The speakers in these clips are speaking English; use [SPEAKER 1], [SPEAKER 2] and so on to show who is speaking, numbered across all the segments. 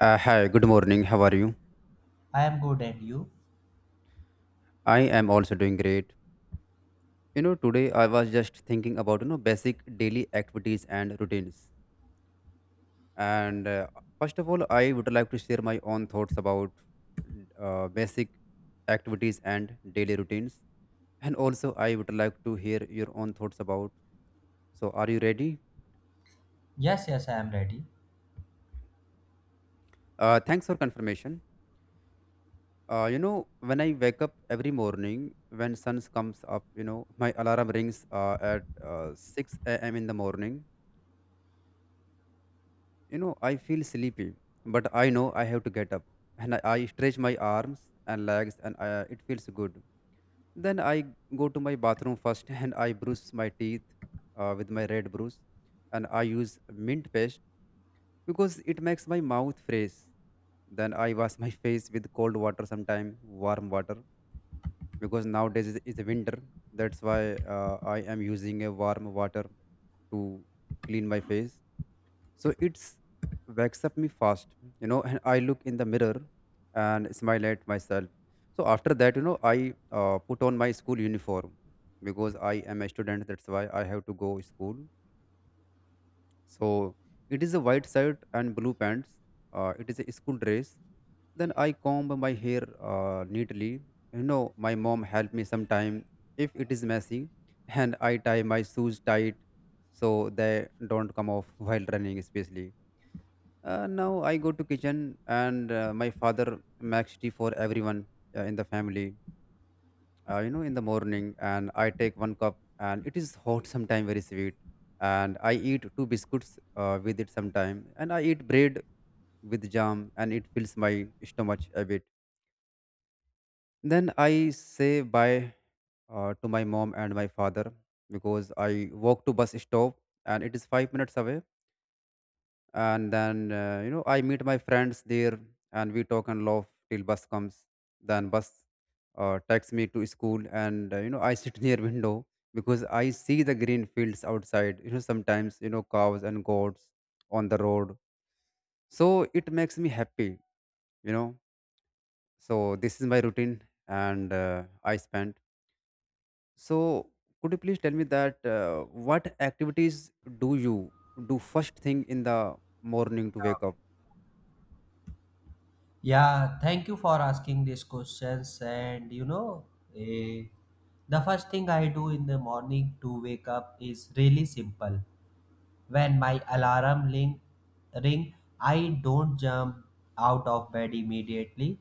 [SPEAKER 1] Hi, good morning. How are you?
[SPEAKER 2] I am good, and you?
[SPEAKER 1] I am also doing great. Today I was just thinking about basic daily activities and routines. And first of all, I would like to share my own thoughts about basic activities and daily routines. And also, I would like to hear your own thoughts about. So, are you ready?
[SPEAKER 2] Yes, I am ready.
[SPEAKER 1] Thanks for confirmation. When I wake up every morning, when sun comes up, my alarm rings at 6 a.m. in the morning. I feel sleepy, but I know I have to get up. And I stretch my arms and legs, and it feels good. Then I go to my bathroom first and I brush my teeth with my red brush. And I use mint paste because it makes my mouth fresh. Then I wash my face with cold water sometime, warm water, because nowadays is winter. That's why I am using a warm water to clean my face so it's wakes up me fast, and I look in the mirror and smile at myself. So after that, I put on my school uniform because I am a student. That's why I have to go school. So it is a white shirt and blue pants. It is a school dress. Then I comb my hair neatly. My mom help me sometime if it is messy, and I tie my shoes tight so they don't come off while running, especially now I go to kitchen, and my father makes tea for everyone in the family. In the morning, and I take one cup, and it is hot sometime, very sweet, and I eat two biscuits with it sometime, and I eat bread with jam, and it fills my stomach a bit. Then I say bye to my mom and my father because I walk to bus stop, and it is 5 minutes away. And then I meet my friends there, and we talk and laugh till bus comes. Then bus takes me to school. And I sit near window because I see the green fields outside, sometimes cows and goats on the road, so it makes me happy. you know so this is my routine, and I spent. So could you please tell me that what activities do you do first thing in the morning to wake up?
[SPEAKER 2] Yeah, thank you for asking these questions. And eh, the first thing I do in the morning to wake up is really simple. When my alarm ring, ring, I don't jump out of bed immediately.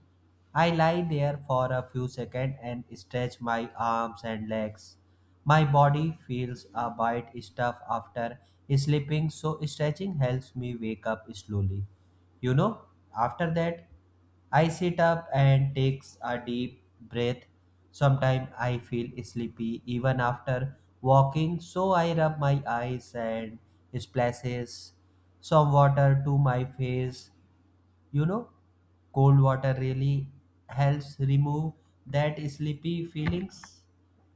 [SPEAKER 2] I lie there for a few seconds and stretch my arms and legs. My body feels a bit stiff after sleeping, so stretching helps me wake up slowly. You know, after that, I sit up and takes a deep breath. Sometimes I feel sleepy even after walking, so I rub my eyes and splashes some water to my face. You know, cold water really helps remove that sleepy feelings.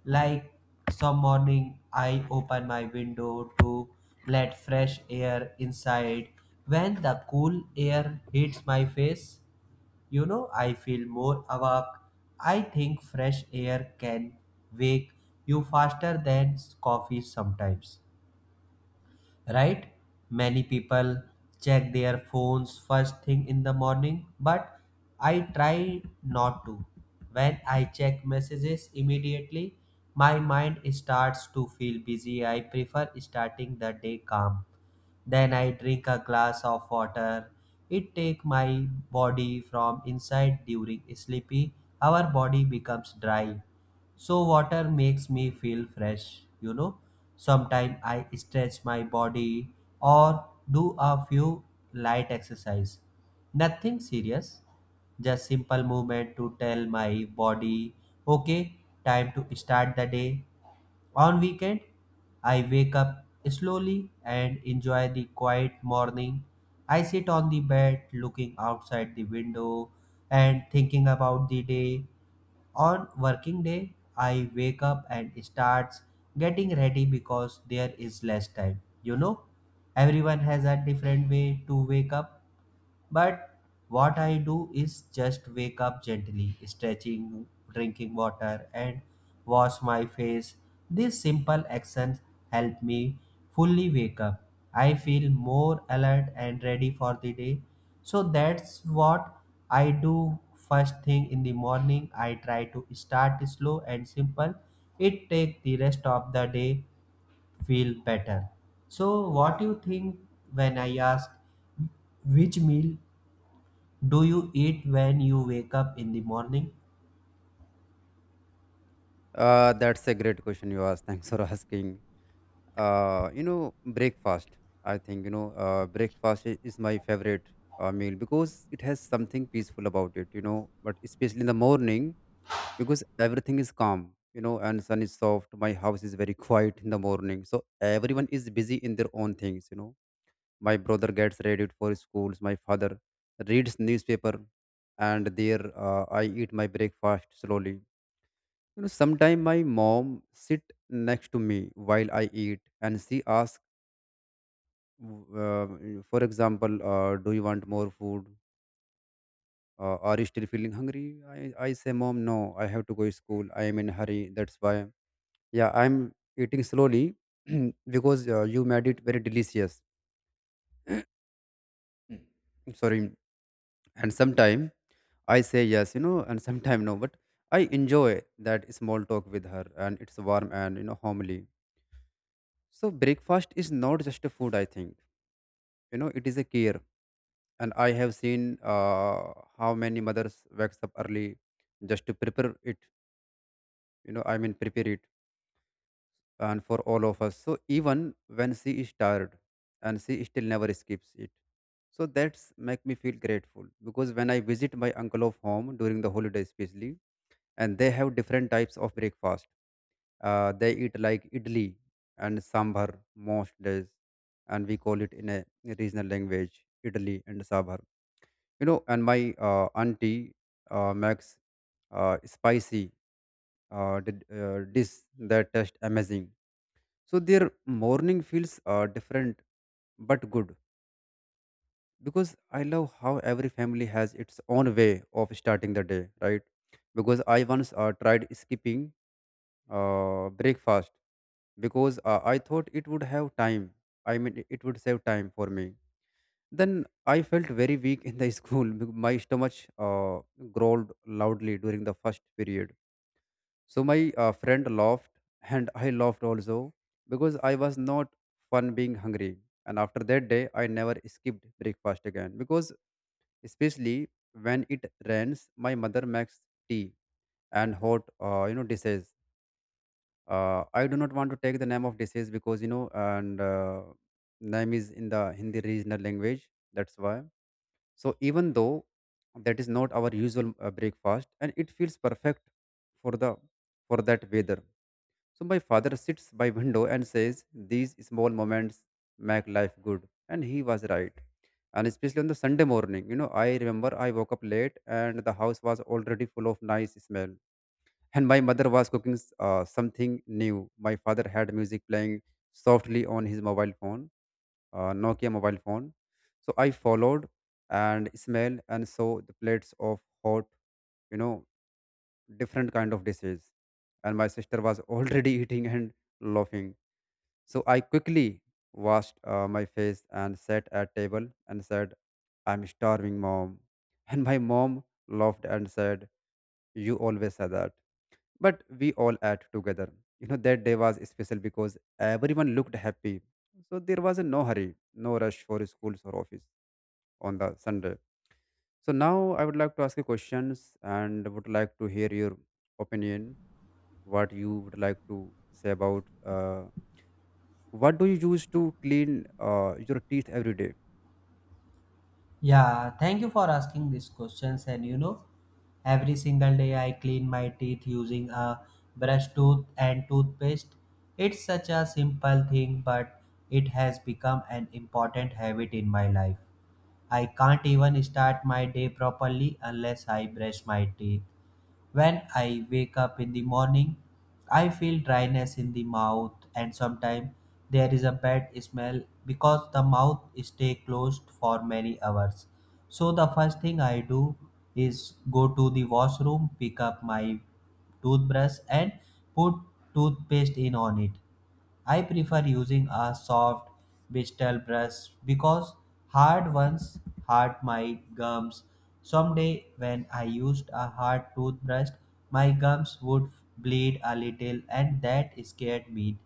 [SPEAKER 2] Like some morning, I open my window to let fresh air inside. When the cool air hits my face, you know, I feel more awake. I think fresh air can wake you faster than coffee sometimes, right? Many people check their phones first thing in the morning, but I try not to. When I check messages immediately, my mind starts to feel busy. I prefer starting the day calm. Then I drink a glass of water. It take my body from inside during sleepy. Our body becomes dry. So water makes me feel fresh, you know. Sometimes I stretch my body or do a few light exercise. Nothing serious, just simple movement to tell my body, okay, time to start the day. On weekend, I wake up slowly and enjoy the quiet morning. I sit on the bed looking outside the window and thinking about the day. On working day, I wake up and starts getting ready because there is less time. You know, everyone has a different way to wake up. But what I do is just wake up gently, stretching, drinking water, and wash my face. These simple actions help me fully wake up. I feel more alert and ready for the day. So that's what I do first thing in the morning. I try to start slow and simple. It takes the rest of the day feel better. So what do you think when I ask which meal do you eat when you wake up in the morning?
[SPEAKER 1] That's a great question you asked. Thanks for asking. Breakfast. I think breakfast is my favorite meal because it has something peaceful about it. But especially in the morning because everything is calm. And sun is soft. My house is very quiet in the morning, so everyone is busy in their own things. My brother gets ready for schools. My father reads newspaper, and there I eat my breakfast slowly. Sometimes my mom sit next to me while I eat, and she asks, uh, for example, "Do you want more food? Are you still feeling hungry?" I, I say, "Mom, no. I have to go to school. I am in a hurry. That's why. Yeah, I'm eating slowly because you made it very delicious. Sorry." And sometime I say yes, and sometime no, but I enjoy that small talk with her, and it's warm and homely. So breakfast is not just a food, I think it is a care. And I have seen uh, how many mothers wakes up early just to prepare it, I mean prepare it and for all of us. So even when she is tired, and she still never skips it. So that's make me feel grateful because when I visit my uncle of home during the holiday especially, and they have different types of breakfast, they eat like idli and sambar most days, and we call it in a regional language idli and sambar. And my auntie makes spicy dish that taste amazing. So their morning feels different but good because I love how every family has its own way of starting the day, right? Because I once tried skipping breakfast because I thought it would have time, I mean it would save time for me. Then I felt very weak in the school. My stomach growled loudly during the first period. So my friend laughed, and I laughed also because I was not fun being hungry. And after that day, I never skipped breakfast again because, especially when it rains, my mother makes tea and hot, dishes. I do not want to take the name of dishes because and name is in the Hindi regional language. That's why. So even though that is not our usual breakfast, and it feels perfect for the for that weather. So my father sits by window and says, "These small moments make life good," and he was right. And especially on the Sunday morning, I remember I woke up late and the house was already full of nice smell. And my mother was cooking something new. My father had music playing softly on his mobile phone, Nokia mobile phone. So I followed and smelled and saw the plates of hot, you know, different kind of dishes. And my sister was already eating and laughing. So I quickly washed my face and sat at table and said, "I'm starving, mom." And my mom laughed and said, "You always say that." But we all ate together. That day was special because everyone looked happy. So there was no hurry, no rush for schools or office on the Sunday. So now I would like to ask you questions and would like to hear your opinion. What you would like to say about what do you use to clean your teeth every day?
[SPEAKER 2] Yeah, thank you for asking these questions. And you know, every single day I clean my teeth using a brush tooth and toothpaste. It's such a simple thing, but it has become an important habit in my life. I can't even start my day properly unless I brush my teeth. When I wake up in the morning, I feel dryness in the mouth and sometimes there is a bad smell because the mouth stay closed for many hours. So the first thing I do is go to the washroom, pick up my toothbrush and put toothpaste in on it. I prefer using a soft digital brush because hard ones hurt my gums. Someday, when I used a hard toothbrush, my gums would bleed a little, and that scared me.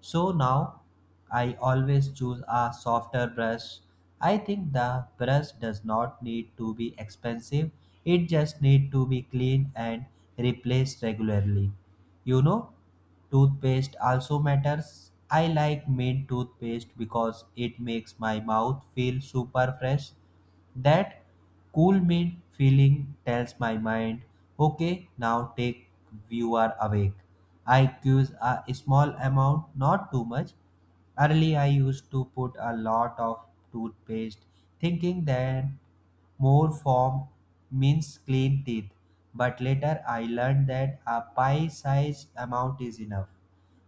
[SPEAKER 2] So now I always choose a softer brush. I think the brush does not need to be expensive, it just needs to be clean and replaced regularly. You know, toothpaste also matters. I like mint toothpaste because it makes my mouth feel super fresh. That cool mean feeling tells my mind, okay, now take you are awake. I use a small amount, not too much. Early I used to put a lot of toothpaste, thinking that more form means clean teeth. But later I learned that a pie-sized amount is enough.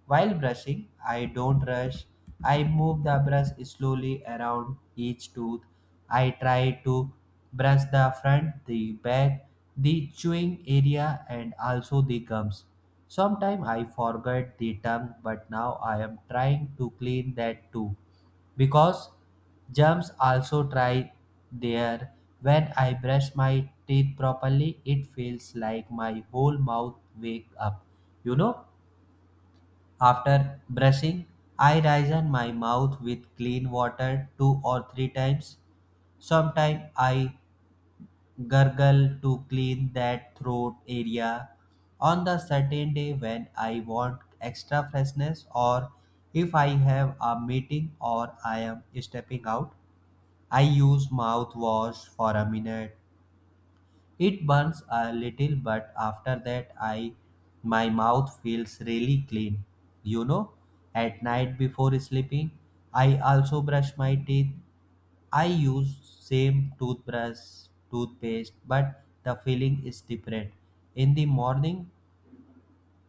[SPEAKER 2] While brushing, I don't rush. I move the brush slowly around each tooth. I try to brush the front, the back, the chewing area, and also the gums. Sometimes I forget the tongue, but now I am trying to clean that too because germs also try there. When I brush my teeth properly, it feels like my whole mouth wake up. You know, after brushing, I rinse my mouth with clean water two or three times. Sometimes I gurgle to clean that throat area on the certain day when I want extra freshness or if I have a meeting or I am stepping out. I use mouthwash for a minute. It burns a little, but after that, I my mouth feels really clean. You know, at night before sleeping, I also brush my teeth. I use same toothbrush, toothpaste, but the feeling is different. In the morning,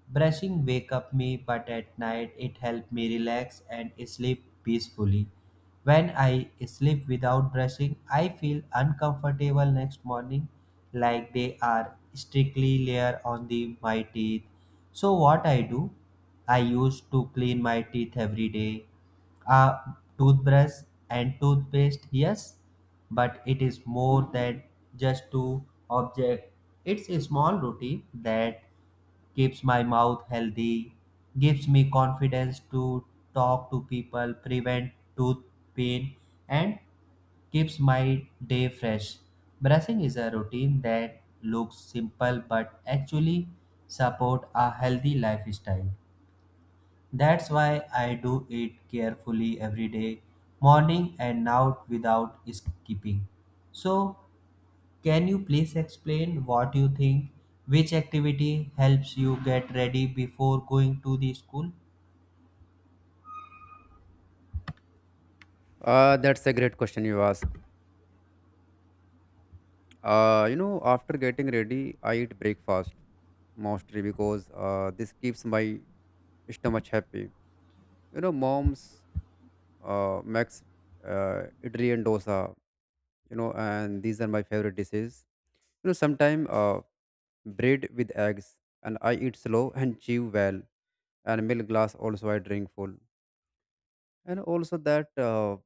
[SPEAKER 2] brushing wake up me, but at night it help me relax and sleep peacefully. When I sleep without brushing, I feel uncomfortable next morning, like they are strictly layer on the my teeth. So what I do? I used to clean my teeth every day. A toothbrush and toothpaste, yes, but it is more than just to object. It's a small routine that keeps my mouth healthy, gives me confidence to talk to people, prevent tooth pain, and keeps my day fresh. Brushing is a routine that looks simple but actually support a healthy lifestyle. That's why I do it carefully every day, morning and night without skipping. So, can you please explain what you think? Which activity helps you get ready before going to the school?
[SPEAKER 1] That's a great question you ask. After getting ready, I eat breakfast mostly because this keeps my stomach happy. Mom's makes idli and dosa. And these are my favorite dishes. Sometimes bread with eggs, and I eat slow and chew well, and milk glass also I drink full. And also that,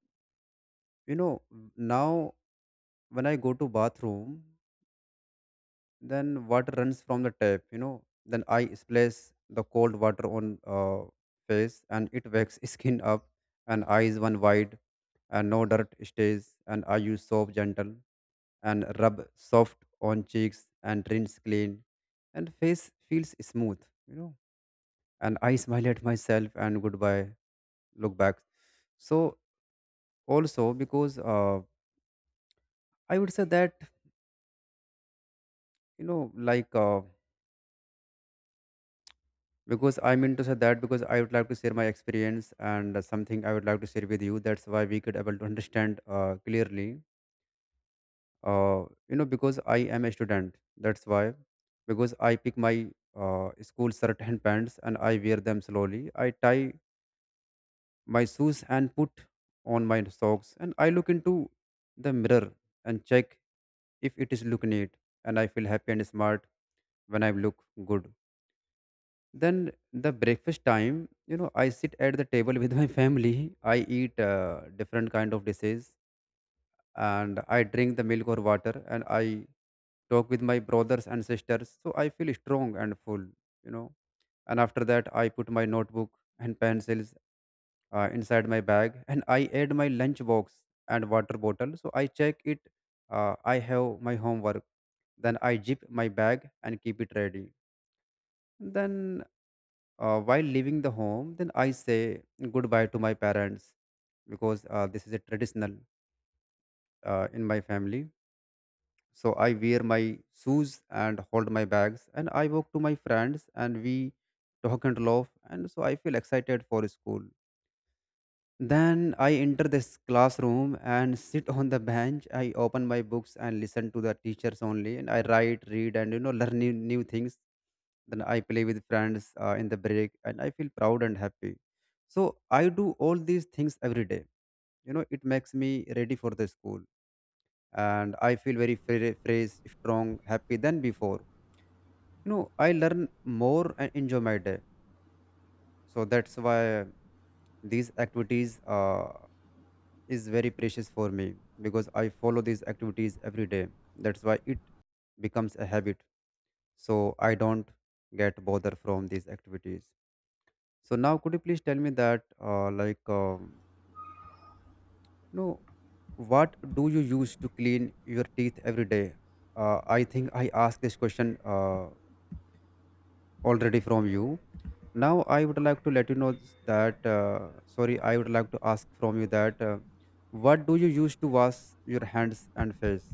[SPEAKER 1] you know, now when I go to bathroom, then water runs from the tap. Then I splash the cold water on face, and it wakes skin up and eyes one wide, and no dirt stays. And I use soap gentle and rub soft on cheeks and rinse clean, and face feels smooth. you know and I smile at myself and goodbye, look back. So also because I would say that like because I mean to say that because I would like to share my experience and something I would like to share with you. That's why we could able to understand clearly. Because I am a student. That's why because I pick my school shirt and pants, and I wear them slowly. I tie my shoes and put on my socks, and I look into the mirror and check if it is look neat, and I feel happy and smart when I look good. Then the breakfast time, I sit at the table with my family. I eat different kind of dishes, and I drink the milk or water, and I talk with my brothers and sisters, so I feel strong and full. you know and after that, I put my notebook and pencils inside my bag, and I add my lunch box and water bottle, so I check it. I have my homework. Then I zip my bag and keep it ready. Then while leaving the home, then I say goodbye to my parents, because this is a traditional in my family. So I wear my shoes and hold my bags, and I walk to my friends, and we talk and laugh, and so I feel excited for school. Then I enter this classroom and sit on the bench. I open my books and listen to the teachers only, and I write, read, and learn new things. Then I play with friends in the break, and I feel proud and happy. So I do all these things every day. It makes me ready for the school, and I feel very fresh, strong, happy than before. I learn more and enjoy my day. So that's why these activities is very precious for me because I follow these activities every day. That's why it becomes a habit. So I don't get bother from these activities. So now, could you please tell me that, you know, what do you use to clean your teeth every day? I think I asked this question already from you. Now I would like to let you know that. Sorry, I would like to ask from you that. What do you use to wash your hands and face?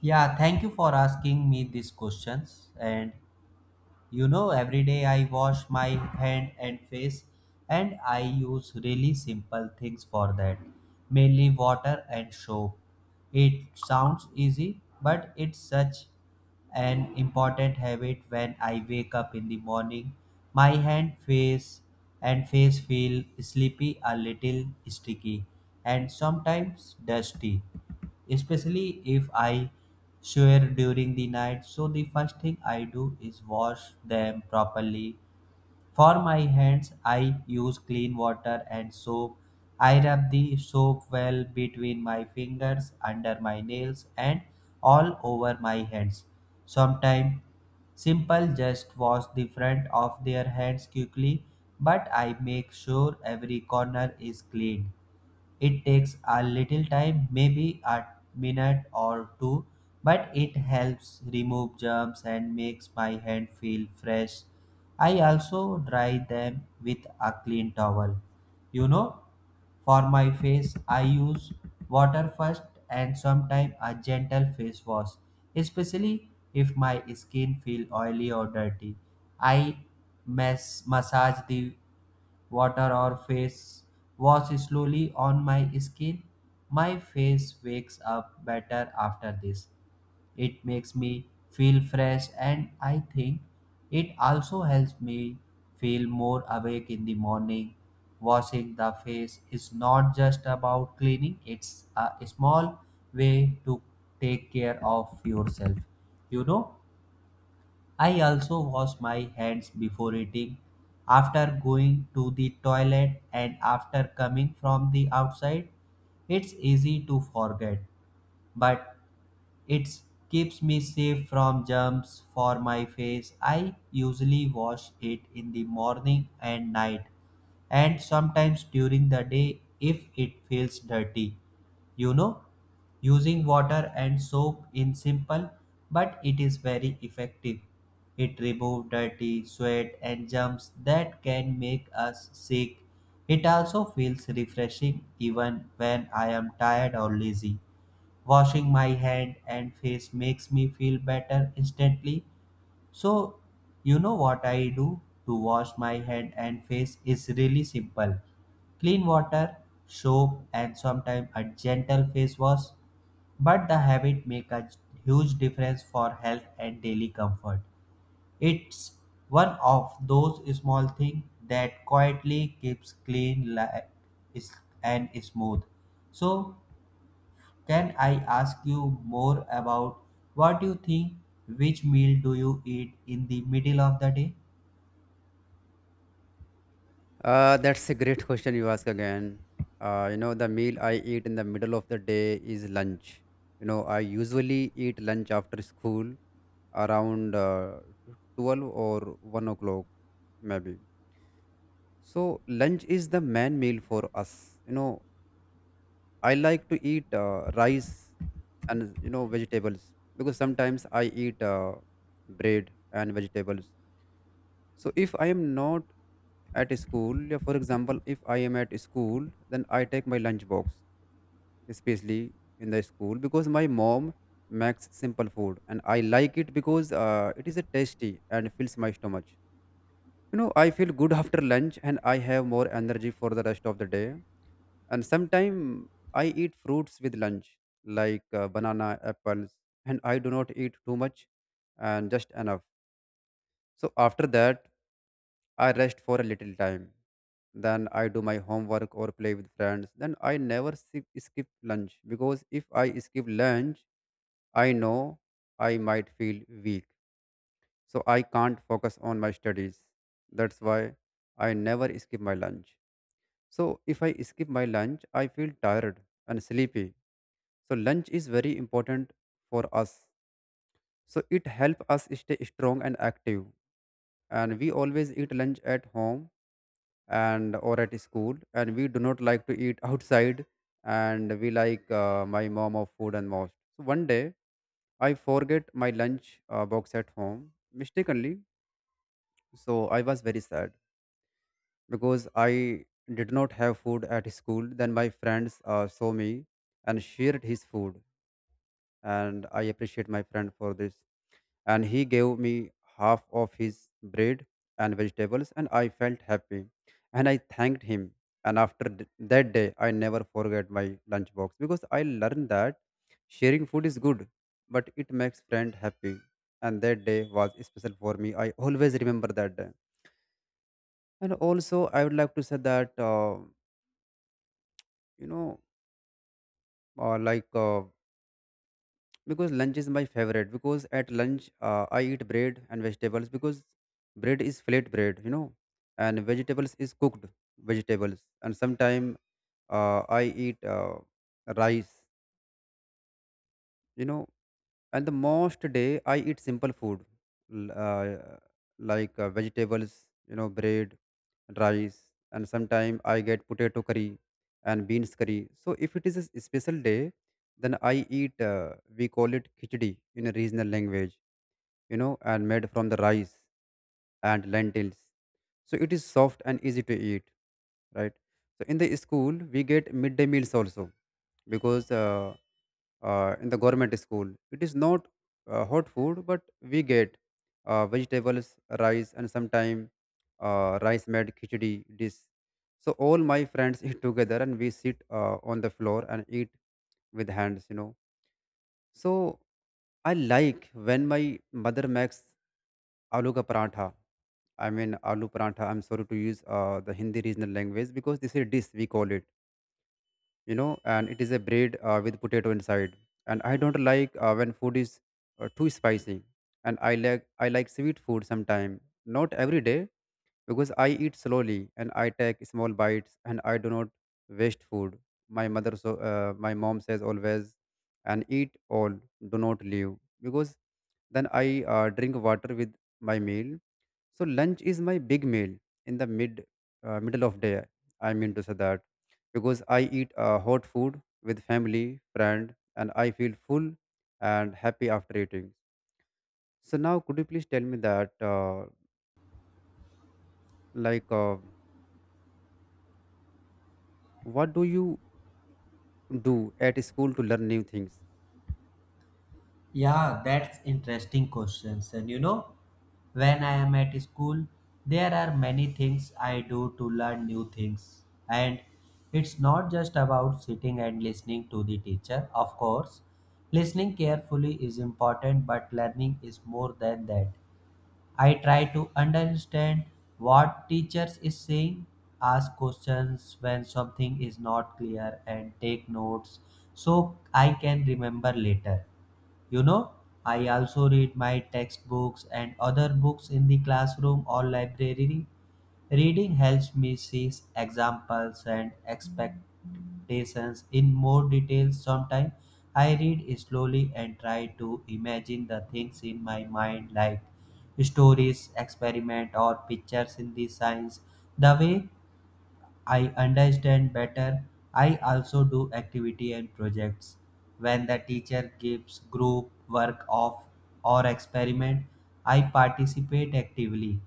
[SPEAKER 2] Yeah, thank you for asking me these questions. And you know, every day I wash my hand and face, and I use really simple things for that, mainly water and soap. It sounds easy, but it's such an important habit when I wake up in the morning. My hand, face, and face feel sleepy, a little sticky, and sometimes dusty, especially if I shower during the night. So the first thing I do is wash them properly. For my hands, I use clean water and soap. I rub the soap well between my fingers, under my nails, and all over my hands. Sometimes simple just wash the front of their hands quickly, but I make sure every corner is clean. It takes a little time, maybe a minute or two, but it helps remove germs and makes my hand feel fresh. I also dry them with a clean towel. You know, for my face, I use water first and sometimes a gentle face wash, especially if my skin feel oily or dirty. I massage the water or face wash slowly on my skin. My face wakes up better after this. It makes me feel fresh and I think it also helps me feel more awake in the morning. Washing the face is not just about cleaning, it's a small way to take care of yourself. You know, I also wash my hands before eating, after going to the toilet, and after coming from the outside. It's easy to forget, but it keeps me safe from germs for my face. I usually wash it in the morning and night and sometimes during the day if it feels dirty. You know, using water and soap in simple, but it is very effective. It removes dirty, sweat, and germs that can make us sick. It also feels refreshing even when I am tired or lazy. Washing my hand and face makes me feel better instantly. So you know what I do to wash my hand and face is really simple: clean water, soap, and sometimes a gentle face wash, but the habit make a huge difference for health and daily comfort. It's one of those small things that quietly keeps clean is- and smooth. So can I ask you more about what you think? Which meal do you eat in the middle of the day?
[SPEAKER 1] That's a great question you ask again. The meal I eat in the middle of the day is lunch. I usually eat lunch after school around 12 or 1 o'clock, maybe. So, lunch is the main meal for us. I like to eat rice and, vegetables, because sometimes I eat bread and vegetables. So if I am not at school, yeah, for example, if I am at school, then I take my lunch box, especially in the school, because my mom makes simple food and I like it because it is a tasty and fills my stomach. I feel good after lunch, and I have more energy for the rest of the day. And sometimes I eat fruits with lunch, like banana, apples, and I do not eat too much, and just enough. So after that, I rest for a little time. Then I do my homework or play with friends. Then I never skip lunch, because if I skip lunch, I know I might feel weak. So I can't focus on my studies. That's why I never skip my lunch. So if I skip my lunch, I feel tired and sleepy. So lunch is very important for us. So it helps us stay strong and active, and we always eat lunch at home and or at school, and we do not like to eat outside, and we like my mom of food and most. So one day I forget my lunch box at home mistakenly. So I was very sad because I did not have food at school. Then my friends saw me and shared his food, and I appreciate my friend for this, and he gave me half of his bread and vegetables, and I felt happy, and I thanked him. And after that day, I never forget my lunchbox, because I learned that sharing food is good, but it makes friend happy. And that day was special for me. I always remember that day. And also I would like to say that you know uh, like uh, because lunch is my favorite, because at lunch I eat bread and vegetables, because bread is flat bread, and vegetables is cooked vegetables. And sometime I eat rice, you know and the most day I eat simple food, l- uh, like vegetables, bread, rice. And sometimes I get potato curry and beans curry. So if it is a special day, then I eat we call it khichdi in a regional language, and made from the rice and lentils, so it is soft and easy to eat, right? So in the school we get midday meals also, because in the government school. It is not hot food, but we get vegetables, rice, and sometimes rice made khichdi dish. So all my friends eat together, and we sit on the floor and eat with hands. So I like when my mother makes aloo ka paratha, I mean, aloo paratha. I'm sorry to use the Hindi regional language, because this is dish we call it, and it is a bread with potato inside. And I don't like when food is too spicy, and I like sweet food sometime, not every day, because I eat slowly and I take small bites, and I do not waste food. My mother so my mom says always, and eat all, do not leave, because then I drink water with my meal. So lunch is my big meal in the middle of day, I mean to say that, because I eat hot food with family, friend, and I feel full and happy after eating. So now, could you please tell me that, like, uh, what do you do at school to learn new things?
[SPEAKER 2] Yeah, that's interesting questions. And you know, when I am at school, there are many things I do to learn new things. And it's not just about sitting and listening to the teacher, of course. Listening carefully is important, but learning is more than that. I try to understand what teachers is saying, ask questions when something is not clear and take notes so I can remember later. You know, I also read my textbooks and other books in the classroom or library. Reading helps me see examples and expectations in more detail. Sometimes I read slowly and try to imagine the things in my mind, like stories, experiment, or pictures in the science. The way I understand better. I also do activity and projects. When the teacher gives group work off or experiment, I participate actively,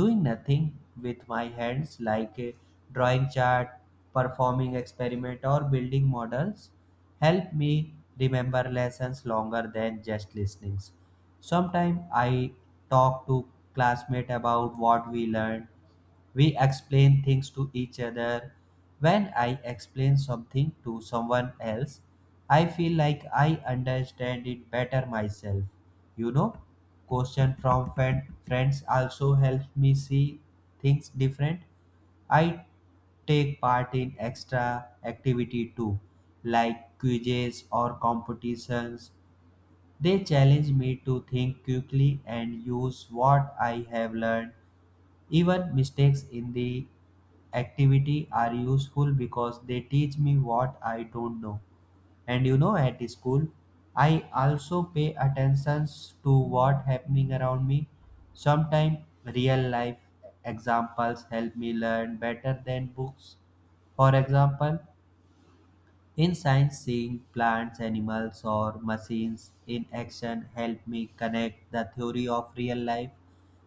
[SPEAKER 2] doing nothing with my hands like a drawing chart, performing experiment or building models help me remember lessons longer than just listening. Sometimes I talk to classmates about what we learned we explain things to each other. When I explain something to someone else, I feel like I understand it better myself. You know, question from friends also helps me see things different. I take part in extra activity too, like quizzes or competitions. They challenge me to think quickly and use what I have learned. Even mistakes in the activity are useful because they teach me what I don't know. And you know, at school, I also pay attention to what happening around me. Sometimes real life examples help me learn better than books. For example, in science, seeing plants, animals, or machines in action help me connect the theory of real life.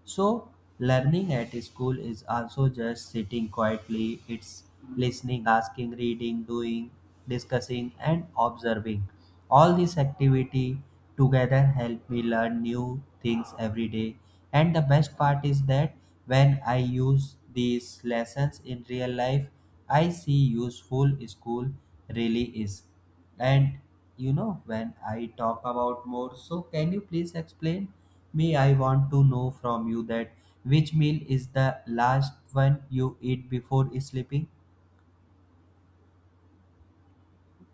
[SPEAKER 2] So, learning at school is also just sitting quietly, it's listening, asking, reading, doing, discussing, and observing. All these activity together help me learn new things every day. And the best part is that when I use these lessons in real life, I see useful school really is. And you know, when I talk about more, so can you please explain me? I want to know from you that which meal is the last one you eat before sleeping?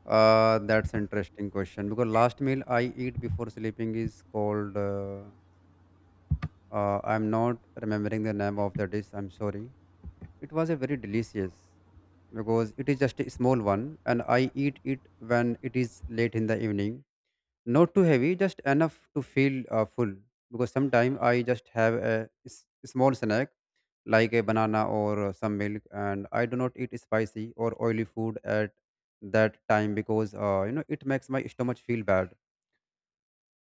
[SPEAKER 1] That's an interesting question, because last meal I eat before sleeping is called. I'm not remembering the name of the dish. I'm sorry. It was a very delicious, because it is just a small one, and I eat it when it is late in the evening, not too heavy, just enough to feel full, because sometimes I just have a small snack, like a banana or some milk, and I do not eat spicy or oily food at that time, because it makes my stomach feel bad.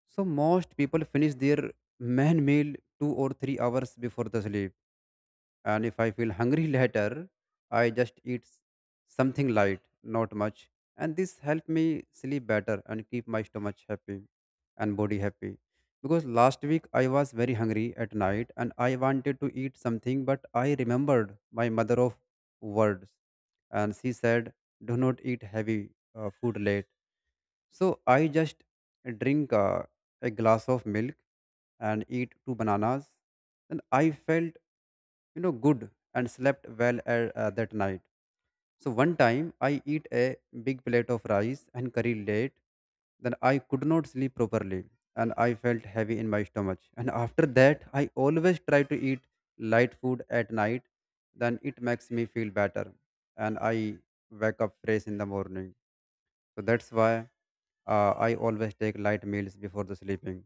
[SPEAKER 1] So most people finish their main meal 2 or 3 hours before the sleep, and if I feel hungry later, I just eat something light, not much. And this help me sleep better and keep my stomach happy and body happy. Because last week I was very hungry at night and I wanted to eat something, but I remembered my mother of words, and she said, "Do not eat heavy food late." So I just drink a glass of milk and eat 2 bananas. And I felt good and slept well at, that night. So one time I eat a big plate of rice and curry late, then I could not sleep properly, and I felt heavy in my stomach. And after that I always try to eat light food at night, then it makes me feel better, and I wake up fresh in the morning. So that's why I always take light meals before the sleeping.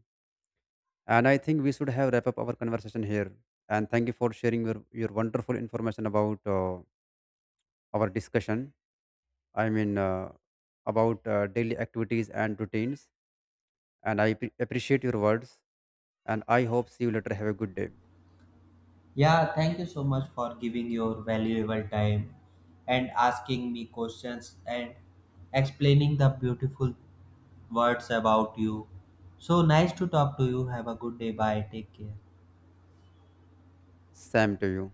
[SPEAKER 1] And I think we should have wrap up our conversation here. And thank you for sharing your wonderful information about our discussion. I mean, about daily activities and routines. And I appreciate your words. And I hope see you later. Have a good day.
[SPEAKER 2] Yeah, thank you so much for giving your valuable time and asking me questions and explaining the beautiful words about you. So nice to talk to you. Have a good day. Bye. Take care.
[SPEAKER 1] Same to you.